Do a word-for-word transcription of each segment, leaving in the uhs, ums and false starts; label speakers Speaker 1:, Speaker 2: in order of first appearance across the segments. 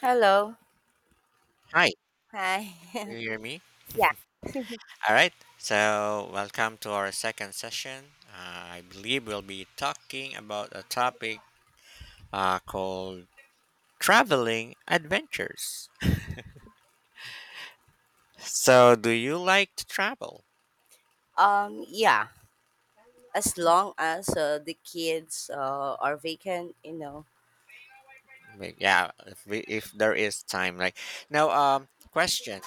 Speaker 1: Hello.
Speaker 2: Hi,
Speaker 1: Hi.
Speaker 2: can you hear me?
Speaker 1: Yeah.
Speaker 2: All right, so welcome to our second session. Uh, I believe we'll be talking about a topic uh, called traveling adventures. So, do you like to travel?
Speaker 1: Um. Yeah. As long as uh, the kids uh, are vacant, you know.
Speaker 2: Like, yeah, if, we, if there is time. Like now, um, question: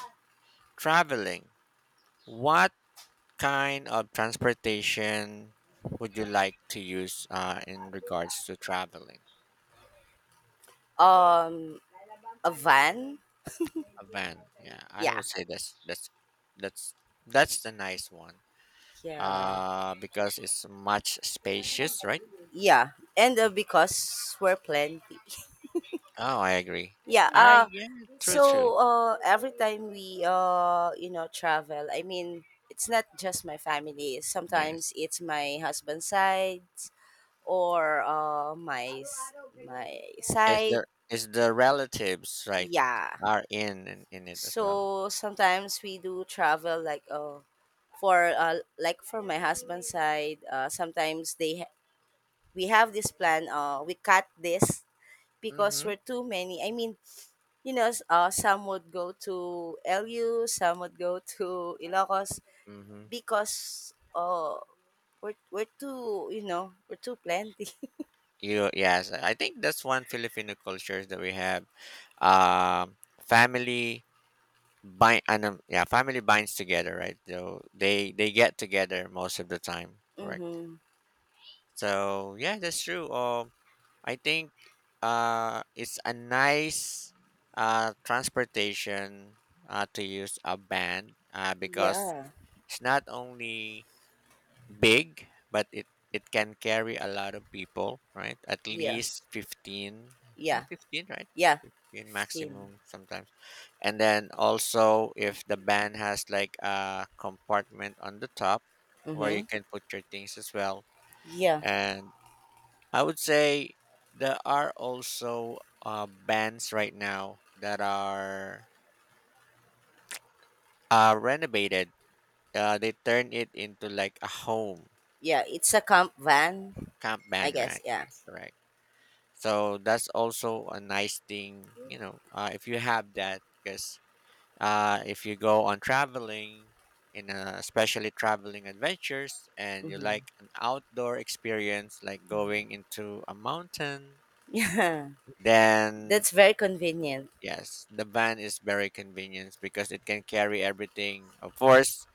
Speaker 2: traveling. What kind of transportation would you like to use uh, in regards to traveling?
Speaker 1: Um. A van.
Speaker 2: A van. Yeah, I
Speaker 1: Yeah.
Speaker 2: would say that's that's that's that's the nice one.
Speaker 1: Yeah.
Speaker 2: Uh, because it's much spacious, right?
Speaker 1: Yeah. And uh, because we're plenty.
Speaker 2: Oh, I agree.
Speaker 1: Yeah.
Speaker 2: Ah,
Speaker 1: Uh.
Speaker 2: yeah, true, true.
Speaker 1: So uh, every time we uh, you know, travel. I mean, it's not just my family.
Speaker 2: Yes,
Speaker 1: Sometimes it's my husband's side or uh, my s- my
Speaker 2: it's
Speaker 1: side.
Speaker 2: the it's the relatives, right,
Speaker 1: Yeah.
Speaker 2: are in in, in it as
Speaker 1: So
Speaker 2: well.
Speaker 1: sometimes we do travel like uh for uh, like for my husband's side, uh, sometimes they ha- we have this plan, uh we cut this because
Speaker 2: Mm-hmm.
Speaker 1: we're too many. I mean, you know, s- uh, some would go to lu some would go to Ilocos
Speaker 2: Mm-hmm.
Speaker 1: because uh we're, we're too, you know, we're too plenty.
Speaker 2: You Yes, I think that's one Filipino culture that we have. Um, family bind and yeah, family binds together, right? So they they get together most of the time. Correct.
Speaker 1: Mm-hmm.
Speaker 2: So yeah, that's true. Um, I think uh, it's a nice uh transportation uh to use a van uh because
Speaker 1: Yeah,
Speaker 2: it's not only big but it it can carry a lot of people, right? At
Speaker 1: yeah,
Speaker 2: least fifteen, yeah,
Speaker 1: yeah,
Speaker 2: fifteen, right?
Speaker 1: yeah.
Speaker 2: Fifteen
Speaker 1: fifteen.
Speaker 2: maximum sometimes, and then also if the van has like a compartment on the top where you
Speaker 1: Mm-hmm.
Speaker 2: can put your things as well.
Speaker 1: Yeah,
Speaker 2: And I would say there are also uh, bands right now that are uh, renovated. Uh, they turn it into like a home
Speaker 1: yeah, it's a camp van.
Speaker 2: camp
Speaker 1: I
Speaker 2: band,
Speaker 1: guess,
Speaker 2: right?
Speaker 1: yeah.
Speaker 2: Correct. So that's also a nice thing, you know, uh, if you have that, because uh, if you go on traveling, in uh, especially traveling adventures, and you
Speaker 1: Mhm.
Speaker 2: like an outdoor experience, like going into a mountain,
Speaker 1: Yeah.
Speaker 2: then
Speaker 1: That's very convenient.
Speaker 2: yes, the van is very convenient because it can carry everything. Of course,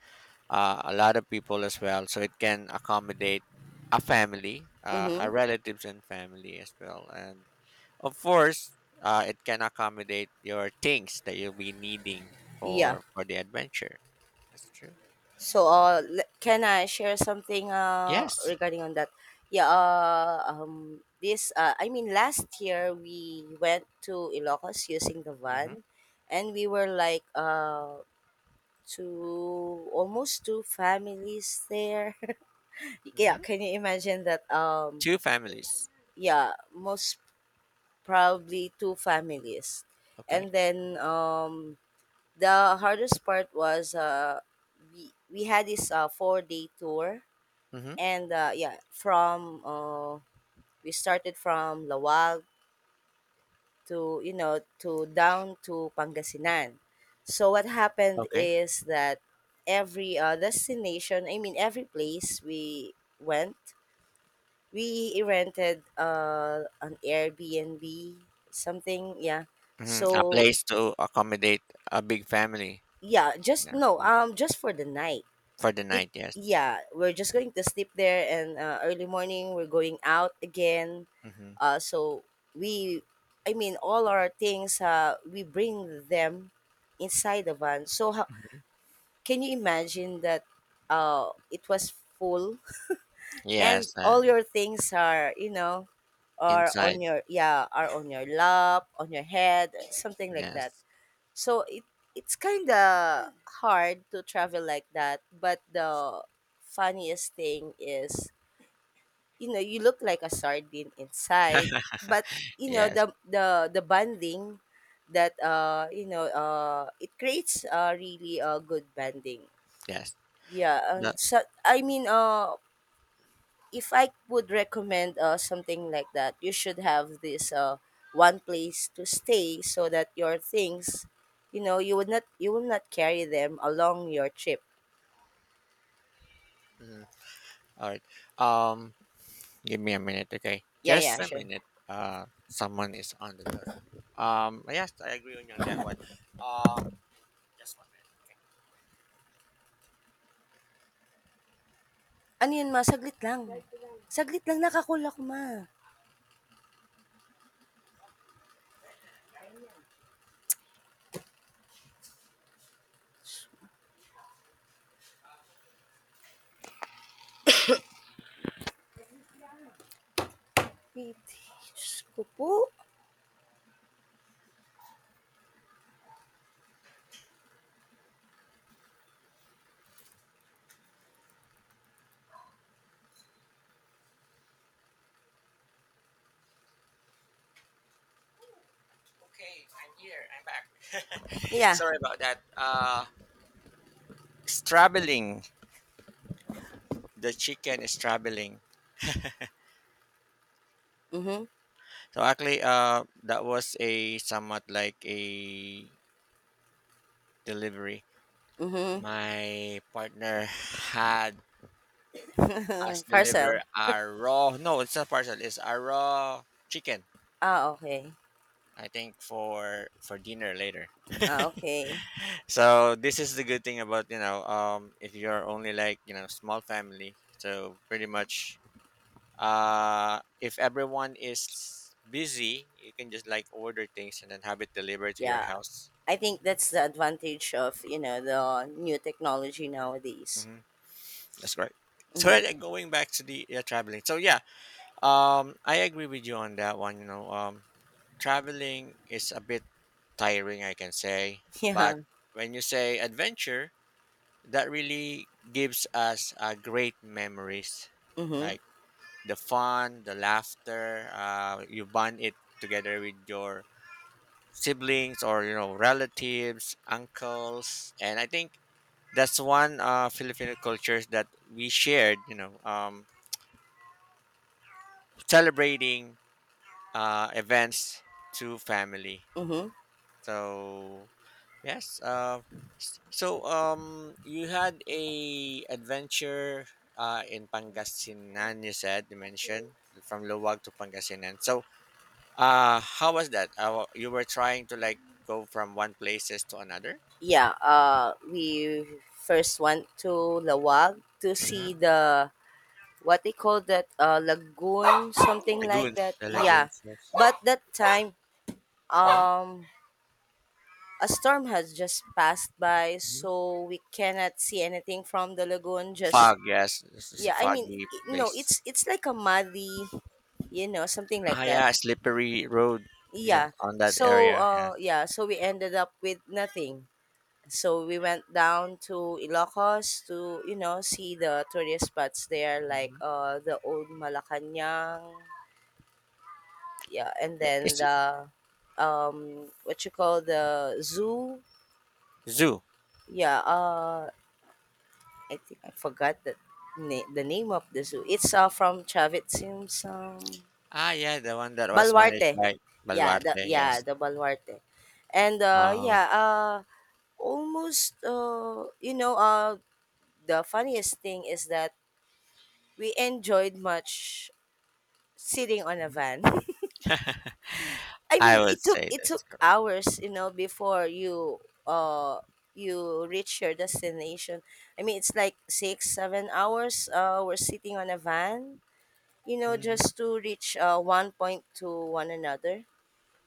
Speaker 2: uh, a lot of people as well, so it can accommodate a family, uh, a
Speaker 1: Mhm.
Speaker 2: relatives and family as well. And of course, uh, it can accommodate your things that you'll be needing
Speaker 1: Yeah.
Speaker 2: for for the adventure. That's true.
Speaker 1: So, uh, le- can I share something uh
Speaker 2: Yes.
Speaker 1: regarding on that? Yeah, uh, um this, uh, I mean last year we went to Ilocos using the
Speaker 2: Mm-hmm.
Speaker 1: van, and we were like uh two, almost two families there. Yeah,
Speaker 2: Mm-hmm.
Speaker 1: can you imagine that? Um
Speaker 2: Two families.
Speaker 1: yeah, most probably two families.
Speaker 2: Okay.
Speaker 1: And then, um the hardest part was, uh we we had this uh four day tour,
Speaker 2: Mm-hmm.
Speaker 1: and uh yeah, from uh we started from Lawag to, you know, to down to Pangasinan. So what happened
Speaker 2: Okay.
Speaker 1: is that every uh, destination, I mean every place we went, we rented uh an Airbnb, something, yeah.
Speaker 2: Mm-hmm. A
Speaker 1: So,
Speaker 2: place to accommodate a big family.
Speaker 1: yeah, just
Speaker 2: Yeah.
Speaker 1: no,
Speaker 2: Mhm.
Speaker 1: um just for the night.
Speaker 2: For the
Speaker 1: Be-
Speaker 2: night. Yes.
Speaker 1: yeah, we're just going to sleep there, and uh, early morning we're going out again.
Speaker 2: Mm-hmm.
Speaker 1: Uh, so we, I mean, all our things, uh, we bring them inside the van. So how,
Speaker 2: Mhm.
Speaker 1: can you imagine that? Uh, it was full, and
Speaker 2: Yes, uh,
Speaker 1: all your things are, you know, are on
Speaker 2: inside.
Speaker 1: your, yeah, are on your lap, on your head, something like that.
Speaker 2: Yes,
Speaker 1: So it it's kinda hard to travel like that, but the funniest thing is, you know, you look like a sardine inside, but you know
Speaker 2: yes,
Speaker 1: the the the bonding, that uh you know uh it creates uh really a good bonding.
Speaker 2: yes.
Speaker 1: Yeah,
Speaker 2: The,
Speaker 1: and so I mean, uh if I would recommend uh, something like that, you should have this uh, one place to stay, so that your things, you know, you would not, you will not carry them along your trip.
Speaker 2: mm, all right. Um, Give me a minute, okay?
Speaker 1: Yeah,
Speaker 2: Just
Speaker 1: yeah,
Speaker 2: a
Speaker 1: sure.
Speaker 2: minute. Uh, someone is on the door. Um, yes, I agree on you on that one. Um, just one minute.
Speaker 1: Ano yun ma? Saglit lang. Saglit lang, nakakuha ko ma. Sweet. Diyos ko po.
Speaker 2: Okay, I'm here. I'm back.
Speaker 1: Yeah.
Speaker 2: Sorry about that. Uh, it's traveling. The chicken is traveling.
Speaker 1: Mm-hmm.
Speaker 2: So actually, uh, that was a somewhat like a delivery.
Speaker 1: Mm-hmm.
Speaker 2: My partner had us deliver
Speaker 1: Parcel.
Speaker 2: our raw, no, it's not parcel, it's our raw chicken,
Speaker 1: Ah, okay.
Speaker 2: I think for for dinner later.
Speaker 1: Ah, okay.
Speaker 2: So this is the good thing about, you know um if you're only like, you know small family, so pretty much uh if everyone is busy, you can just like order things and then have it delivered to your
Speaker 1: Yeah.
Speaker 2: house.
Speaker 1: I think that's the advantage of, you know, the new technology nowadays.
Speaker 2: hmm that's great. So
Speaker 1: Mm-hmm.
Speaker 2: uh, going back to the uh, traveling. So yeah, um I agree with you on that one. you know um Traveling is a bit tiring, I can say, but
Speaker 1: Yeah.
Speaker 2: when you say adventure, that really gives us uh, great memories,
Speaker 1: Mm-hmm.
Speaker 2: like the fun, the laughter. Uh, you bond it together with your siblings or you know relatives, uncles, and I think that's one uh, Filipino cultures that we shared. You know, um, celebrating uh, events to family.
Speaker 1: Mm-hmm.
Speaker 2: So yes. Uh, s- so um, you had a adventure uh, in Pangasinan. You said you mentioned from Luwag to Pangasinan. So uh, how was that? Uh, you were trying to like go from one places to another.
Speaker 1: Yeah. Uh, we first went to Lawag to
Speaker 2: Mm-hmm.
Speaker 1: see the, what they call that, uh, lagoon, something like
Speaker 2: Lagoons,
Speaker 1: that.
Speaker 2: the
Speaker 1: Yeah.
Speaker 2: lagoons. Yes.
Speaker 1: But that time,
Speaker 2: Mm-hmm.
Speaker 1: um, a storm has just passed by,
Speaker 2: hmm
Speaker 1: so we cannot see anything from the lagoon. Just,
Speaker 2: Fog. Yes, this is a
Speaker 1: yeah. I mean,
Speaker 2: foggy
Speaker 1: i- no. It's
Speaker 2: place.
Speaker 1: it's like a muddy, you know, something
Speaker 2: Ah,
Speaker 1: like that.
Speaker 2: yeah, slippery road. Yeah,
Speaker 1: Yeah.
Speaker 2: on that
Speaker 1: So
Speaker 2: area.
Speaker 1: uh,
Speaker 2: Yes.
Speaker 1: yeah. So we ended up with nothing. So we went down to Ilocos to, you know, see the tourist spots there like
Speaker 2: Mm-hmm.
Speaker 1: uh the old Malacanang, yeah, and then
Speaker 2: It's
Speaker 1: the, um what you call, the zoo.
Speaker 2: zoo.
Speaker 1: Yeah, uh I think I forgot the na- the name of the zoo. It's uh from Chavit Simpson.
Speaker 2: Ah, yeah, the one that was managed
Speaker 1: Balwarte.
Speaker 2: by
Speaker 1: Yeah, the,
Speaker 2: Baluarte,
Speaker 1: yeah,
Speaker 2: yes.
Speaker 1: the Balwarte. And uh
Speaker 2: Um,
Speaker 1: yeah, uh almost uh, you know, uh the funniest thing is that we enjoyed much sitting on a
Speaker 2: mhm.
Speaker 1: van. I
Speaker 2: I
Speaker 1: mean,
Speaker 2: would
Speaker 1: it took
Speaker 2: say
Speaker 1: it
Speaker 2: that's
Speaker 1: took
Speaker 2: correct.
Speaker 1: hours, you know, before you uh you reach your destination. I mean, it's like six seven hours. Uh, we're sitting on a van, you know,
Speaker 2: hmm
Speaker 1: just to reach uh one point to one another.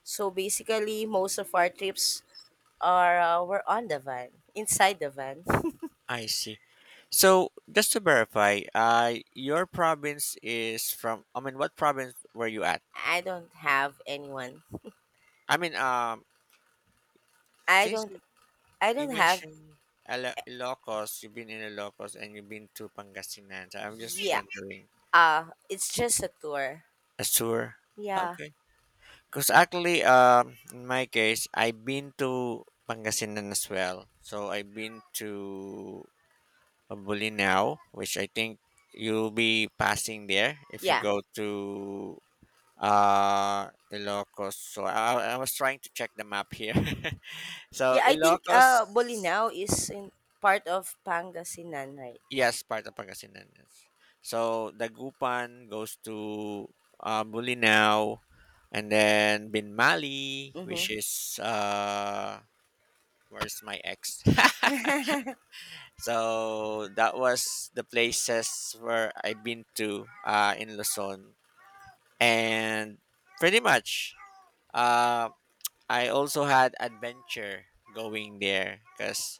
Speaker 1: So basically, most of our trips are, uh, were on the van, inside the van.
Speaker 2: I see. So, just to verify, uh, your province is from, I mean, what province were you at?
Speaker 1: I don't have anyone.
Speaker 2: I mean, um,
Speaker 1: I
Speaker 2: since
Speaker 1: don't.
Speaker 2: you,
Speaker 1: I
Speaker 2: you
Speaker 1: don't have.
Speaker 2: mentioned Ila- Ilocos, you've been in Ilocos and you've been to Pangasinan, so I'm just
Speaker 1: Yeah.
Speaker 2: wondering.
Speaker 1: Uh, it's just a tour.
Speaker 2: Asur?
Speaker 1: Yeah.
Speaker 2: Okay. 'Cause actually, um, in my case, I've been to Pangasinan as well. So I've been to Bulinaw, which I think you'll be passing there if you
Speaker 1: Yeah.
Speaker 2: go to uh Ilocos. So I, I was trying to check the map here. So
Speaker 1: Yeah, I think,
Speaker 2: Ilocos,
Speaker 1: uh, Bolinao is in part of Pangasinan, right?
Speaker 2: yes, part of Pangasinan. Yes. So Dagupan goes to uh, Bulinaw, and then Binmali,
Speaker 1: Mhm.
Speaker 2: which is uh where's my ex? So that was the places where I've been to uh, in Luzon, and pretty much, uh, I also had adventure going there because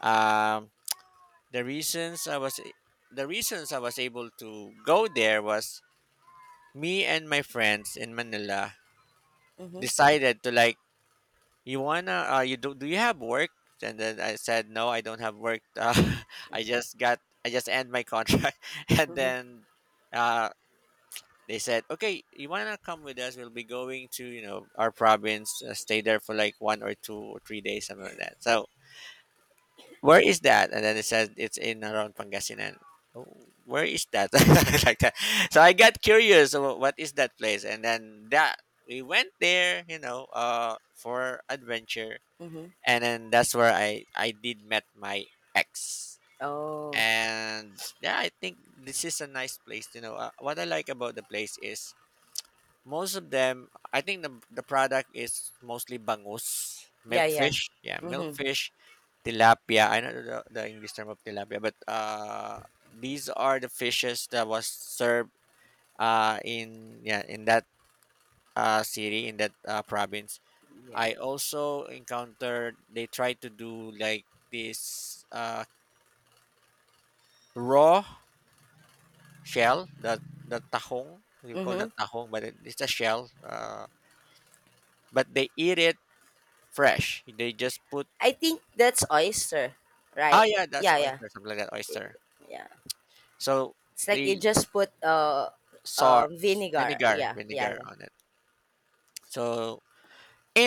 Speaker 2: um, the reasons I was the reasons I was able to go there was me and my friends in Manila
Speaker 1: Mhm,
Speaker 2: decided to like, you wanna, uh you do do you have work? And then I said, no, I don't have work. uh, I just got i just end my contract. And
Speaker 1: mhm,
Speaker 2: then uh they said, okay, you wanna come with us? We'll be going to, you know our province, uh, stay there for like one or two or three days, something like that. So where is that? And then it says it's in around Pangasinan. "Oh, where is that?" Like that. So I got curious about what is that place, and then that we went there, you know uh for adventure.
Speaker 1: mhm.
Speaker 2: And then that's where I I did met my ex.
Speaker 1: Oh,
Speaker 2: And yeah, I think this is a nice place. You know, uh, what I like about the place is most of them. I think the the product is mostly bangus,
Speaker 1: yeah, yeah.
Speaker 2: milkfish. Yeah,
Speaker 1: Mhm,
Speaker 2: milkfish, tilapia. I don't know the, the English term of tilapia, but uh, these are the fishes that was served uh in, yeah in that uh city, in that uh, province.
Speaker 1: yeah.
Speaker 2: I also encountered they try to do like this uh, raw shell, the the tahong. We call that
Speaker 1: Mhm.
Speaker 2: tahong, but it, it's a shell. Uh, but they eat it fresh. They just put,
Speaker 1: I think that's oyster,
Speaker 2: ah
Speaker 1: right?
Speaker 2: yeah, that's
Speaker 1: Yeah, yeah,
Speaker 2: oyster, something like that, oyster.
Speaker 1: yeah.
Speaker 2: So
Speaker 1: It's like you
Speaker 2: they
Speaker 1: just put, uh,
Speaker 2: saw
Speaker 1: um, vinegar.
Speaker 2: vinegar,
Speaker 1: Yeah, yeah,
Speaker 2: vinegar
Speaker 1: yeah.
Speaker 2: on it. So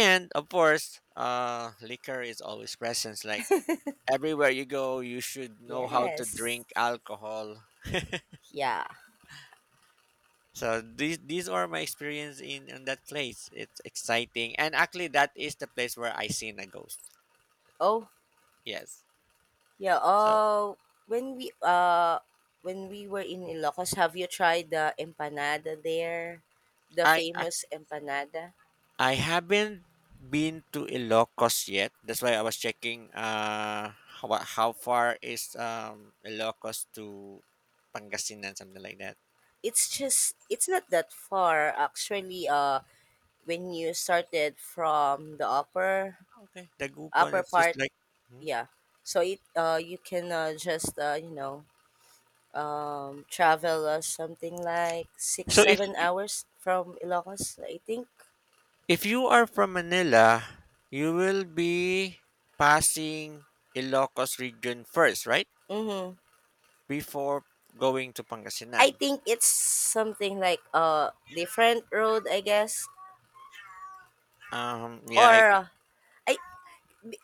Speaker 2: and of course, uh, liquor is always present. Like everywhere you go, you should know how to
Speaker 1: Yes.
Speaker 2: drink alcohol.
Speaker 1: Yeah.
Speaker 2: So these these are my experience in in that place. It's exciting, and actually, that is the place where I seen a ghost.
Speaker 1: Oh,
Speaker 2: Yes.
Speaker 1: yeah,
Speaker 2: So
Speaker 1: uh, when we uh when we were in Ilocos, have you tried the empanada there? The
Speaker 2: I I,
Speaker 1: famous empanada?
Speaker 2: I haven't been to Ilocos yet. That's why I was checking uh how, wa- how far is um Ilocos to Pangasinan, something like that.
Speaker 1: It's just, it's not that far, actually, uh when you started from the upper
Speaker 2: Okay, Dagupan.
Speaker 1: upper
Speaker 2: It's just
Speaker 1: part,
Speaker 2: like. Mhm.
Speaker 1: yeah. So it, uh you can, uh, just, uh, you know, um travel uh, something like 6
Speaker 2: So. If
Speaker 1: 7 hours from Ilocos, I think.
Speaker 2: if you are from Manila, you will be passing Ilocos region first, right?
Speaker 1: Mhm.
Speaker 2: Before going to
Speaker 1: I
Speaker 2: Pangasinan.
Speaker 1: think it's something like a different road, I guess.
Speaker 2: Um, yeah,
Speaker 1: Or,
Speaker 2: I,
Speaker 1: uh, I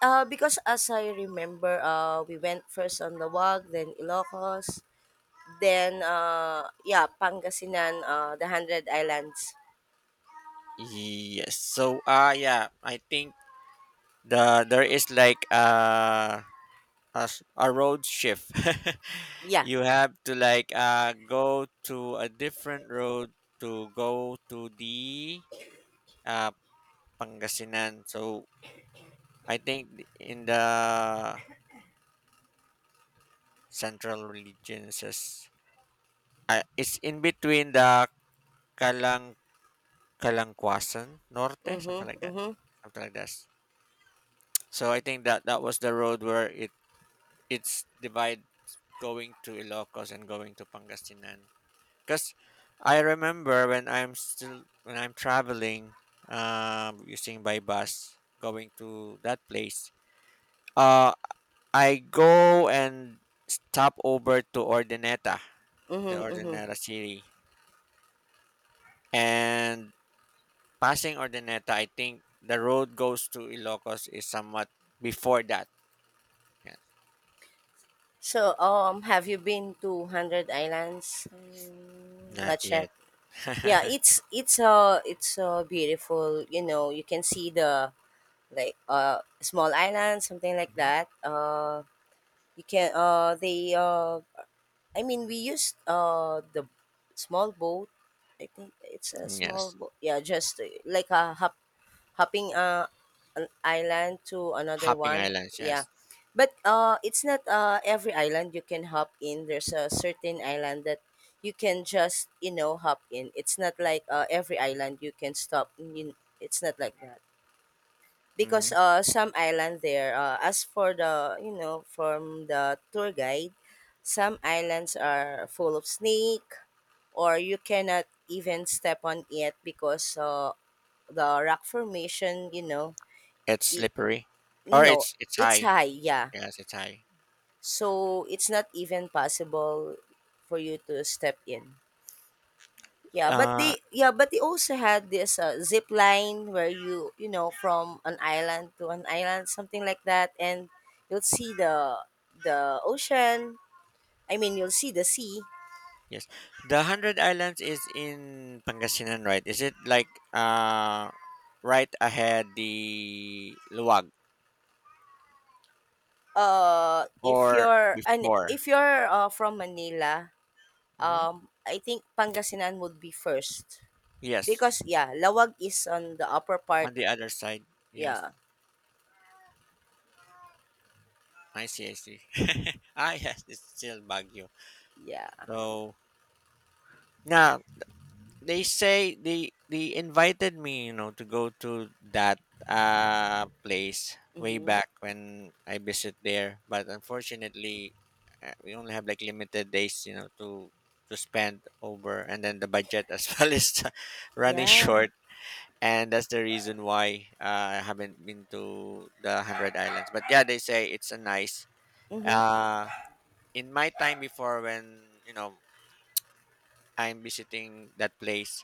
Speaker 1: uh, because, as I remember, uh, we went first on the Wag, then Ilocos, then, uh, yeah, Pangasinan, uh, the Hundred Islands.
Speaker 2: yes. So, uh, yeah, I think the there is like uh, a s- a road shift.
Speaker 1: Yeah.
Speaker 2: You have to like uh go to a different road to go to the uh Pangasinan. So I think in the central regions is uh, it's in between the Kalang Kalangkwasan Norte, something
Speaker 1: Mhm.
Speaker 2: like that,
Speaker 1: Mhm.
Speaker 2: something like that. So I think that that was the road where it it's divide, going to Ilocos and going to Pangasinan. Because I remember when I'm still when I'm traveling, um, using by bus going to that place. Uh, I go and stop over to Ordineta, the
Speaker 1: Mhm. Mhm.
Speaker 2: Ordineta city, and passing Ordineta, I think the road goes to Ilocos is somewhat before that. Yeah,
Speaker 1: So, um, have you been to Hundred Islands? Mm, not
Speaker 2: not
Speaker 1: yet.
Speaker 2: yet.
Speaker 1: Yeah, it's it's uh it's uh beautiful. You know, you can see the, like, uh small island, something like that. Uh you can uh they uh I mean, we used uh the small boat. I think it's a small
Speaker 2: Yes.
Speaker 1: boat, yeah, just, uh, like a hop, hopping uh an island to another
Speaker 2: Hopping
Speaker 1: one,
Speaker 2: Islands,
Speaker 1: yeah.
Speaker 2: yes.
Speaker 1: But uh it's not, uh every island you can hop in. There's a certain island that you can just, you know, hop in. It's not like, uh, every island you can stop. You, it's not like that because,
Speaker 2: hmm
Speaker 1: uh some island there, uh, as for the, you know, from the tour guide, some islands are full of snake, or you cannot even step on it because, uh, the rock formation, you know.
Speaker 2: It's
Speaker 1: It,
Speaker 2: slippery. Or
Speaker 1: no,
Speaker 2: it's it's
Speaker 1: it's
Speaker 2: high.
Speaker 1: high, yeah,
Speaker 2: Yes, it's high.
Speaker 1: so it's not even possible for you to step in. Yeah, but
Speaker 2: Uh
Speaker 1: they yeah, but they also had this uh, zip line where you you know, from an island to an island, something like that, and you'll see the the ocean. I mean, you'll see the sea.
Speaker 2: yes. The Hundred Islands is in Pangasinan, right? Is it like uh right ahead the Luwag
Speaker 1: Uh, if
Speaker 2: or
Speaker 1: you're, and
Speaker 2: before?
Speaker 1: if you're, uh, from Manila,
Speaker 2: hmm
Speaker 1: um, I think Pangasinan would be first because,
Speaker 2: Yes.
Speaker 1: yeah, Lawag is on the upper
Speaker 2: On
Speaker 1: part.
Speaker 2: the other side. Yes.
Speaker 1: Yeah,
Speaker 2: I see, I see. Ah yes, it's still Baguio.
Speaker 1: yeah,
Speaker 2: So now they say they they invited me you know to go to that uh place way
Speaker 1: mm-hmm.
Speaker 2: back when I visit there, but unfortunately uh, we only have like limited days you know to to spend over, and then the budget as well is running
Speaker 1: Yeah,
Speaker 2: short. And that's the reason why uh, I haven't been to the hundred islands, but yeah, they say it's a nice
Speaker 1: mm-hmm.
Speaker 2: uh in my time before when you know I'm visiting that place,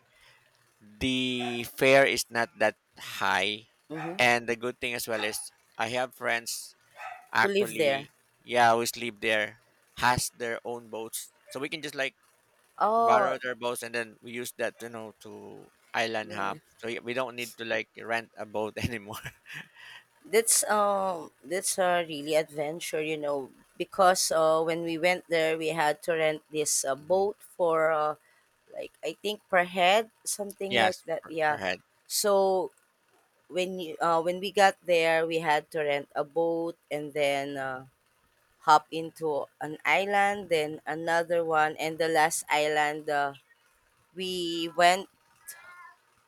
Speaker 2: the fare is not that high.
Speaker 1: Mm-hmm.
Speaker 2: And the good thing as well is I have friends
Speaker 1: Who live there?
Speaker 2: actually. Yeah, we sleep there. Has their own boats, so we can just like
Speaker 1: Oh,
Speaker 2: borrow their boats and then we use that you know to island
Speaker 1: yeah.
Speaker 2: hop, so y- we don't need to like rent a boat anymore.
Speaker 1: That's, um that's a really adventure, you know, because uh when we went there we had to rent this, uh, boat, for, uh, like I think per head, something like
Speaker 2: Yes,
Speaker 1: that.
Speaker 2: per, per
Speaker 1: Yeah.
Speaker 2: head.
Speaker 1: So when you, uh when we got there we had to rent a boat and then, uh, hop into an island, then another one, and the last island, uh, we went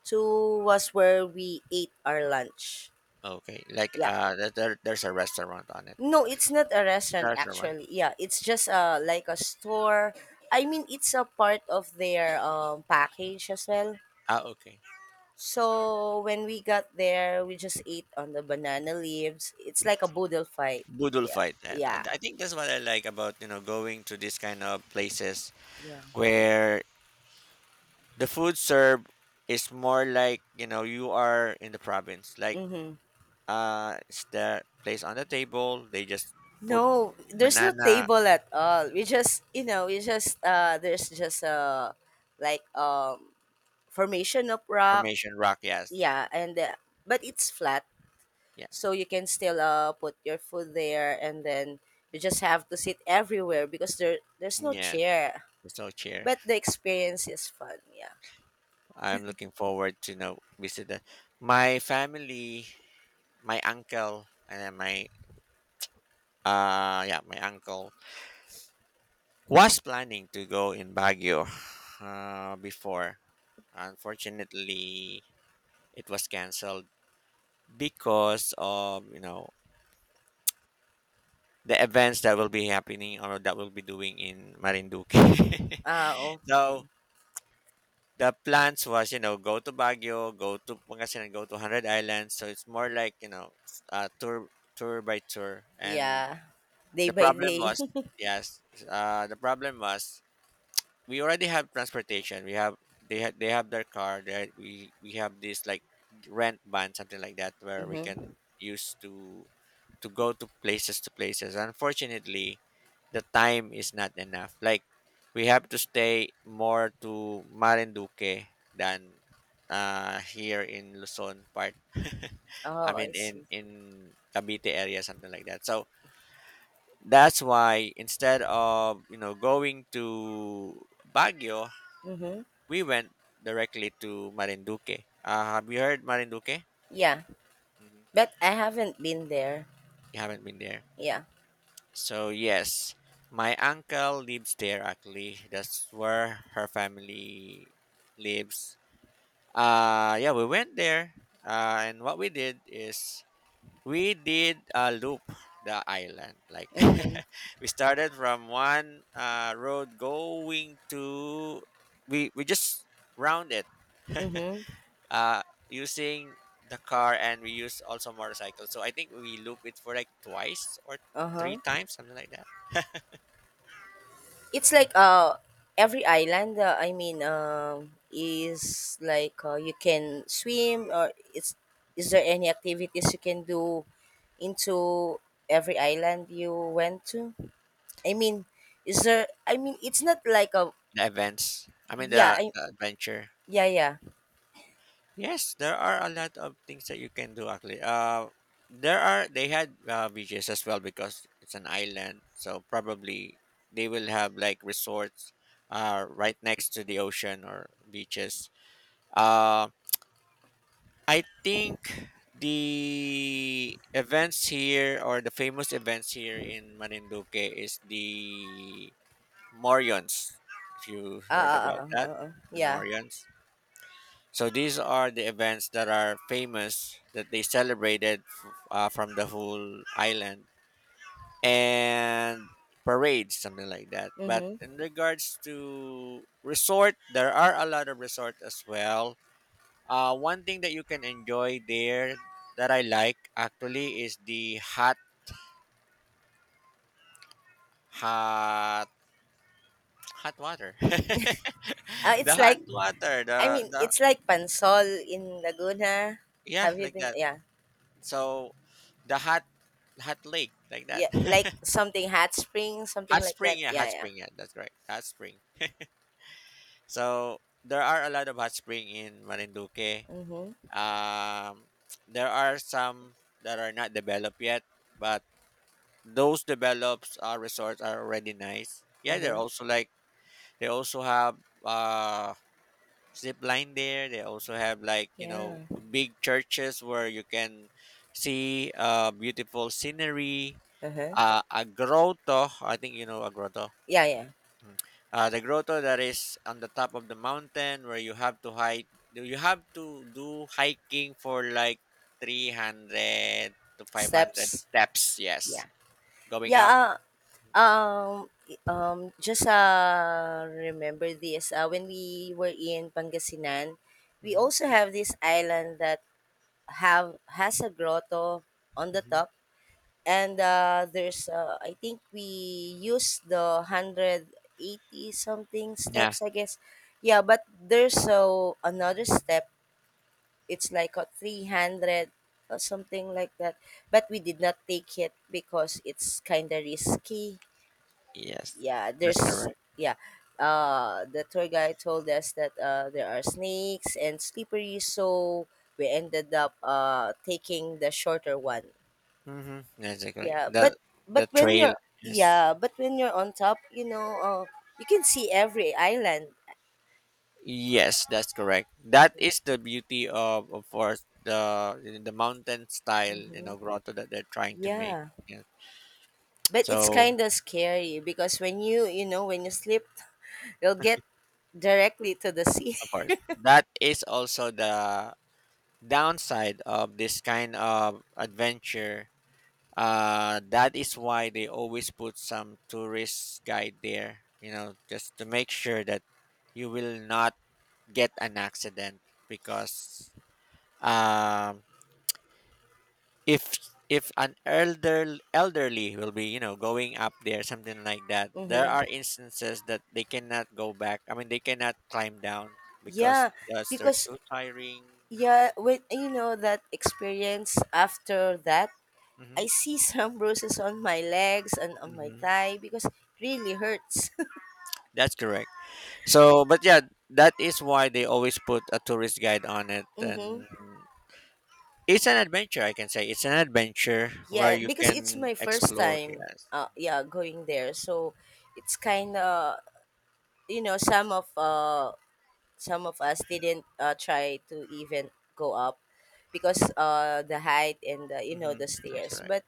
Speaker 1: to, was where we ate our lunch.
Speaker 2: Okay, like
Speaker 1: Yeah.
Speaker 2: uh there, there- there's a restaurant on it.
Speaker 1: No, it's not a restaurant
Speaker 2: Restaurant.
Speaker 1: actually. Yeah, it's just uh like a store. I mean, it's a part of their um package as well.
Speaker 2: Ah, okay.
Speaker 1: So when we got there, we just ate on the banana leaves. It's like a boodle fight.
Speaker 2: Boodle
Speaker 1: Yeah,
Speaker 2: fight. that I,
Speaker 1: yeah,
Speaker 2: I think that's what I like about you know going to these kind of places
Speaker 1: yeah.
Speaker 2: where the food served is more like, you know you are in the province like
Speaker 1: Mm-hmm.
Speaker 2: uh it's the place on the table they just put
Speaker 1: No, there's no
Speaker 2: banana
Speaker 1: table at all. We just, you know, we just, uh there's just a, like, um formation of rock.
Speaker 2: formation rock. Yes.
Speaker 1: Yeah, and, uh, but it's flat.
Speaker 2: Yes.
Speaker 1: So you can still, uh, put your food there, and then you just have to sit everywhere because there, there's no
Speaker 2: Yes,
Speaker 1: chair,
Speaker 2: there's no chair.
Speaker 1: but the experience is fun, yeah.
Speaker 2: I'm looking forward to you know visit the, my family, my uncle, and then my uh yeah, my uncle was planning to go in Baguio uh before. Unfortunately, it was canceled because of you know the events that will be happening or that will be doing in Marinduque.
Speaker 1: Ah,
Speaker 2: So
Speaker 1: okay.
Speaker 2: the plans was, you know, go to Baguio, go to Pangasinan, go to Hundred Islands. So it's more like, you know, s- uh, tour tour by tour. And
Speaker 1: Yeah, day
Speaker 2: the
Speaker 1: by
Speaker 2: problem
Speaker 1: day.
Speaker 2: was, yes, uh, the problem was we already have transportation. We have they have they have their car. That we we have this like rent ban, something like that, where we can
Speaker 1: Mm-hmm.
Speaker 2: use to to go to places to places. Unfortunately, the time is not enough. Like, we have to stay more to Marinduque than uh here in Luzon part. I
Speaker 1: Oh,
Speaker 2: mean,
Speaker 1: I
Speaker 2: in
Speaker 1: see.
Speaker 2: in Cavite area, something like that. So that's why instead of you know going to Baguio,
Speaker 1: Mm-hmm.
Speaker 2: we went directly to Marinduque. Uh, have you heard Marinduque?
Speaker 1: Yeah,
Speaker 2: Hmm.
Speaker 1: but I haven't been there.
Speaker 2: You haven't been there.
Speaker 1: Yeah.
Speaker 2: So yes, my uncle lives there actually. That's where her family lives. Uh yeah, we went there. Uh, and what we did is we did a loop the island. Like,
Speaker 1: Mm-hmm.
Speaker 2: we started from one uh, road going to we we just rounded
Speaker 1: Mm-hmm.
Speaker 2: uh using the car, and we use also motorcycles. So I think we loop it for like twice or three
Speaker 1: Uh-huh.
Speaker 2: times, something like that.
Speaker 1: It's like, uh every island, uh, I mean, um is like, uh, you can swim, or it's, is there any activities you can do into every island you went to? I mean, is there, I mean it's not like a,
Speaker 2: The events. I mean
Speaker 1: yeah,
Speaker 2: the,
Speaker 1: I,
Speaker 2: the adventure.
Speaker 1: yeah, yeah.
Speaker 2: Yes, there are a lot of things that you can do actually. Uh there are they had uh, beaches as well because it's an island, so probably they will have like resorts uh right next to the ocean or beaches. Um, I think the events here or the famous events here in Marinduque is the Morions. If you
Speaker 1: Uh, uh,
Speaker 2: heard
Speaker 1: uh,
Speaker 2: about
Speaker 1: uh,
Speaker 2: that,
Speaker 1: uh, uh,
Speaker 2: the
Speaker 1: yeah.
Speaker 2: Morions. So these are the events that are famous that they celebrated f- uh, from the whole island and parades, something like that. But
Speaker 1: Mhm.
Speaker 2: in regards to resort, there are a lot of resort as well. Uh, one thing that you can enjoy there that I like actually is the hot, hot, hot water.
Speaker 1: Uh,
Speaker 2: The
Speaker 1: it's
Speaker 2: hot
Speaker 1: like,
Speaker 2: water,
Speaker 1: I
Speaker 2: the
Speaker 1: mean,
Speaker 2: the
Speaker 1: it's like Pansol in Laguna.
Speaker 2: yeah,
Speaker 1: Have you
Speaker 2: like
Speaker 1: been,
Speaker 2: that.
Speaker 1: yeah.
Speaker 2: So the hot, hot lake, like that.
Speaker 1: Yeah, like something hot spring, something
Speaker 2: Hot
Speaker 1: like
Speaker 2: spring,
Speaker 1: that.
Speaker 2: yeah, hot
Speaker 1: Yeah, yeah.
Speaker 2: spring, yeah, that's right, hot spring. So there are a lot of hot spring in Marinduque.
Speaker 1: Mhm.
Speaker 2: Um, there are some that are not developed yet, but those develops uh, resorts are already nice. Yeah, they're
Speaker 1: Uh-huh.
Speaker 2: also like they also have uh zip line there. They also have like, you know
Speaker 1: Yeah.
Speaker 2: big churches where you can see uh beautiful scenery.
Speaker 1: Uh-huh.
Speaker 2: Uh, a grotto, I think you know a grotto.
Speaker 1: Yeah, yeah.
Speaker 2: Mm. Uh, the grotto that is on the top of the mountain where you have to hike. You have to do hiking for like three hundred to five
Speaker 1: Steps.
Speaker 2: hundred steps. Yes,
Speaker 1: Yeah.
Speaker 2: going
Speaker 1: Yeah.
Speaker 2: up.
Speaker 1: Uh, um, i- um, just, uh, remember this. Uh, when we were in Pangasinan, we
Speaker 2: Hmm.
Speaker 1: also have this island that have has a grotto on the top, and, uh, there's, uh, I think we used the hundred eighty something
Speaker 2: Yeah.
Speaker 1: steps, I guess. Yeah, but there's so another step, it's like a three hundred or something like that. But we did not take it because it's kind of risky.
Speaker 2: Yes.
Speaker 1: Yeah,
Speaker 2: That's
Speaker 1: there's,
Speaker 2: correct.
Speaker 1: yeah. Uh, the tour guide told us that, uh, there are snakes and slippery, so we ended up, uh, taking the shorter one.
Speaker 2: Mm-hmm. That's correct.
Speaker 1: Yeah,
Speaker 2: The
Speaker 1: but
Speaker 2: the
Speaker 1: but when
Speaker 2: trail.
Speaker 1: you're,
Speaker 2: Yes.
Speaker 1: yeah, but when you're on top, you know, uh, you can see every island.
Speaker 2: Yes, that's correct. That is the beauty of, of course, the the mountain style, you know, grotto that they're trying to make.
Speaker 1: Yeah,
Speaker 2: Yeah.
Speaker 1: but it's
Speaker 2: So,
Speaker 1: kind of scary because when you you know, when you slip, we'll get directly to the sea.
Speaker 2: of course, that is also the downside of this kind of adventure. Uh, that is why they always put some tourist guide there, you know, just to make sure that you will not get an accident because, um, if if an elder elderly will be, you know going up there, something like that, there
Speaker 1: Hmm.
Speaker 2: are instances that they cannot go back. I mean, they cannot climb down because
Speaker 1: Yeah,
Speaker 2: that's they're
Speaker 1: because,
Speaker 2: too tiring.
Speaker 1: yeah, when you know that experience after that,
Speaker 2: Hmm.
Speaker 1: I see some bruises on my legs and on my
Speaker 2: Hmm,
Speaker 1: thigh, because it really hurts.
Speaker 2: that's correct. So but yeah, that is why they always put a tourist guide on it.
Speaker 1: Mm-hmm.
Speaker 2: And it's an adventure, I can say. It's an adventure where
Speaker 1: Yeah,
Speaker 2: you
Speaker 1: because it's
Speaker 2: can
Speaker 1: my first
Speaker 2: explore.
Speaker 1: time.
Speaker 2: Yes.
Speaker 1: Uh, yeah, going there, so it's kind of, you know, some of, uh some of us didn't, uh, try to even go up, because uh the height and the, you know,
Speaker 2: Hmm,
Speaker 1: the
Speaker 2: that's
Speaker 1: stairs,
Speaker 2: correct.
Speaker 1: but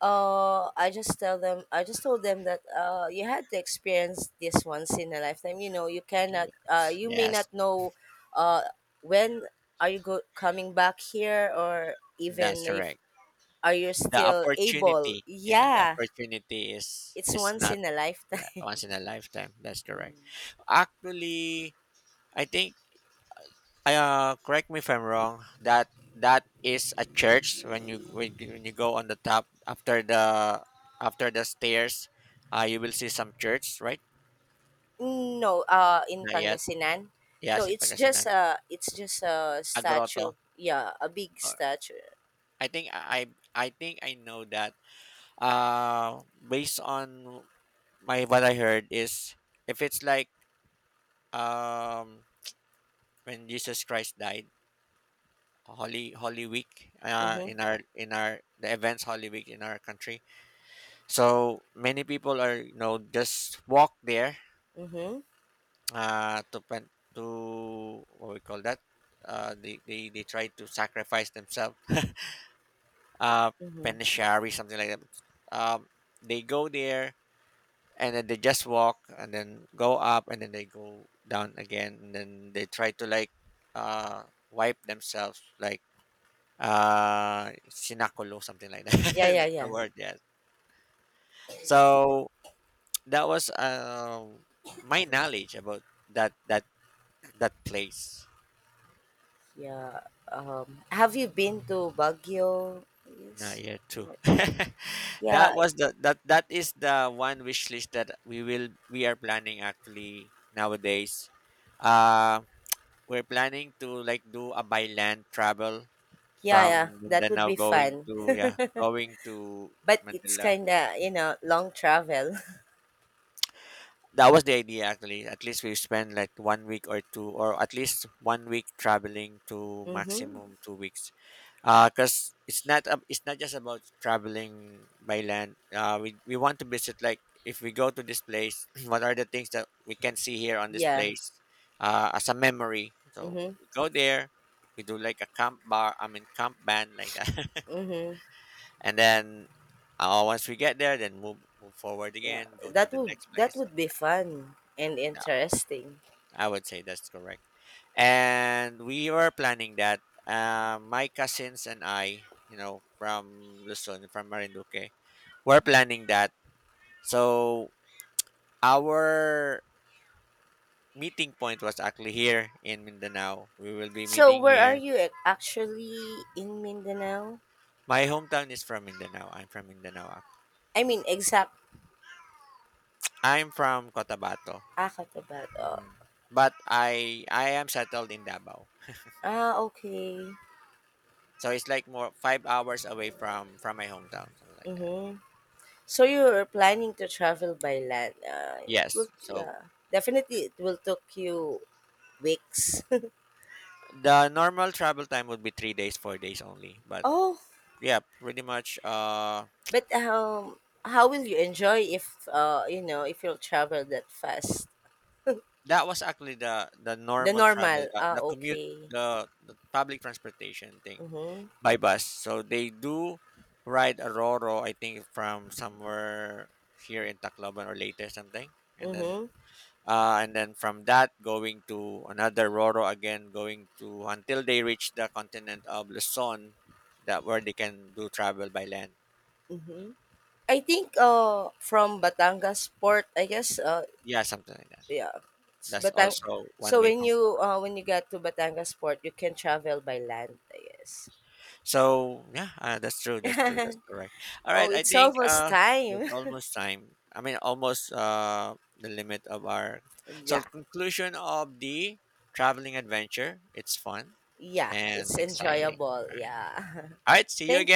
Speaker 1: uh I just tell them I just told them that, uh you had to experience this once in a lifetime. You know, you
Speaker 2: Yeah.
Speaker 1: cannot, uh you may not
Speaker 2: Yes,
Speaker 1: know uh when are you go- coming back here, or
Speaker 2: that's
Speaker 1: even if
Speaker 2: correct.
Speaker 1: are you
Speaker 2: The
Speaker 1: still able,
Speaker 2: opportunity, yeah, the
Speaker 1: yeah,
Speaker 2: opportunity is
Speaker 1: it's
Speaker 2: is
Speaker 1: once
Speaker 2: not
Speaker 1: in a
Speaker 2: yeah,
Speaker 1: lifetime.
Speaker 2: once in a lifetime. That's correct. Actually, I think uh correct me if I'm wrong, that that is a church when you when, you- when you go on the top after the after the stairs, uh you will see some church, right?
Speaker 1: No, uh in
Speaker 2: Not yet.
Speaker 1: Pangasinan. No,
Speaker 2: Yes, in
Speaker 1: it's just,
Speaker 2: Pangasinan.
Speaker 1: uh it's just a
Speaker 2: A grotto.
Speaker 1: statue. Yeah, a big
Speaker 2: Or—
Speaker 1: statue.
Speaker 2: I think I I think I know that. Uh, based on my what I heard is if it's like, um, when Jesus Christ died, Holy Holy Week, uh,
Speaker 1: Mm-hmm,
Speaker 2: in our in our the events Holy Week in our country. So many people are, you know just walk there
Speaker 1: mm-hmm,
Speaker 2: uh to pen- to what we call that, uh they, they they try to sacrifice themselves, uh
Speaker 1: mm-hmm,
Speaker 2: penitentiary, something like that. Um, they go there and then they just walk and then go up and then they go down again and then they try to like uh wipe themselves like uh sinakulo, something like
Speaker 1: yeah, yeah,
Speaker 2: that. The
Speaker 1: yeah.
Speaker 2: word, yes. So that was, um, my knowledge about that that that place
Speaker 1: Yeah. Um, have you been to Baguio?
Speaker 2: in
Speaker 1: Yes.
Speaker 2: year
Speaker 1: I'm
Speaker 2: two.
Speaker 1: not sure.
Speaker 2: That
Speaker 1: Yeah,
Speaker 2: was the that that is the one wish list that we will we are planning actually nowadays. uh we're planning to like do a by land travel
Speaker 1: yeah,
Speaker 2: from
Speaker 1: yeah. That would
Speaker 2: Mindanao
Speaker 1: be
Speaker 2: going
Speaker 1: fun.
Speaker 2: to yeah, going to
Speaker 1: But it's
Speaker 2: Manila.
Speaker 1: kind of, you know, long travel.
Speaker 2: That was the idea actually. At least we spend like one week or two, or at least one week traveling to
Speaker 1: Mm-hmm.
Speaker 2: maximum two weeks. uh because it's not ab- it's not just about traveling by land. uh we, we want to visit like, if we go to this place, what are the things that we can see here on this
Speaker 1: Yeah.
Speaker 2: place, uh as a memory. So
Speaker 1: Mm-hmm.
Speaker 2: we go there, we do like a camp bar, I mean, camp band, like that.
Speaker 1: Mm-hmm.
Speaker 2: And then, uh, once we get there then move move forward
Speaker 1: Yeah.
Speaker 2: again, go to
Speaker 1: That
Speaker 2: the
Speaker 1: would
Speaker 2: next
Speaker 1: that
Speaker 2: place.
Speaker 1: would be fun and interesting.
Speaker 2: I would say that's correct. And we were planning that. Uh, my cousins and I, you know, from Luzon, from Marinduque, were planning that. So our meeting point was actually here in Mindanao. We will be
Speaker 1: So
Speaker 2: meeting
Speaker 1: where are
Speaker 2: here.
Speaker 1: you ac- actually in Mindanao?
Speaker 2: My hometown is from Mindanao. I'm from Mindanao. Ac—
Speaker 1: I mean, exact.
Speaker 2: I'm from Cotabato.
Speaker 1: Ah, Cotabato.
Speaker 2: Mhm. But I I am settled in Davao.
Speaker 1: Ah, okay.
Speaker 2: So it's like more five hours away from from my hometown, something like that.
Speaker 1: Mm-hmm. So you're planning to travel by land. Uh, it will,
Speaker 2: Yes. So
Speaker 1: yeah, definitely it will take you weeks.
Speaker 2: the normal travel time would be three days, four days only. But
Speaker 1: Oh,
Speaker 2: yeah, pretty much. Uh,
Speaker 1: but, um, how will you enjoy if, uh, you know, if you'll travel that fast?
Speaker 2: that was actually the the
Speaker 1: The
Speaker 2: normal travel,
Speaker 1: normal.
Speaker 2: the,
Speaker 1: Ah,
Speaker 2: the commute,
Speaker 1: okay.
Speaker 2: the, the public transportation thing
Speaker 1: Mhm.
Speaker 2: by bus. So they do ride a Roro, I think, from somewhere here in Tacloban or later something, and then.
Speaker 1: Mhm.
Speaker 2: Uh, and then from that, going to another Roro again, going to until they reach the continent of Luzon, that where they can do travel by land.
Speaker 1: Mhm. I think, uh from Batangas port, I guess, uh
Speaker 2: Yeah, something like that.
Speaker 1: yeah, it's
Speaker 2: That's
Speaker 1: Batang.
Speaker 2: also
Speaker 1: So
Speaker 2: one way
Speaker 1: when
Speaker 2: part.
Speaker 1: you, uh when you got to Batangas port, you can travel by land, I guess.
Speaker 2: So yeah, uh, that's true. That's true. That's correct. All right.
Speaker 1: Oh,
Speaker 2: I
Speaker 1: it's
Speaker 2: think
Speaker 1: almost
Speaker 2: uh, it's
Speaker 1: time.
Speaker 2: almost time. I mean, almost uh, the limit of our. So
Speaker 1: Yeah,
Speaker 2: conclusion of the traveling adventure. It's fun
Speaker 1: yeah,
Speaker 2: and
Speaker 1: it's
Speaker 2: exciting.
Speaker 1: enjoyable. Yeah.
Speaker 2: All right. See you
Speaker 1: Thank
Speaker 2: again.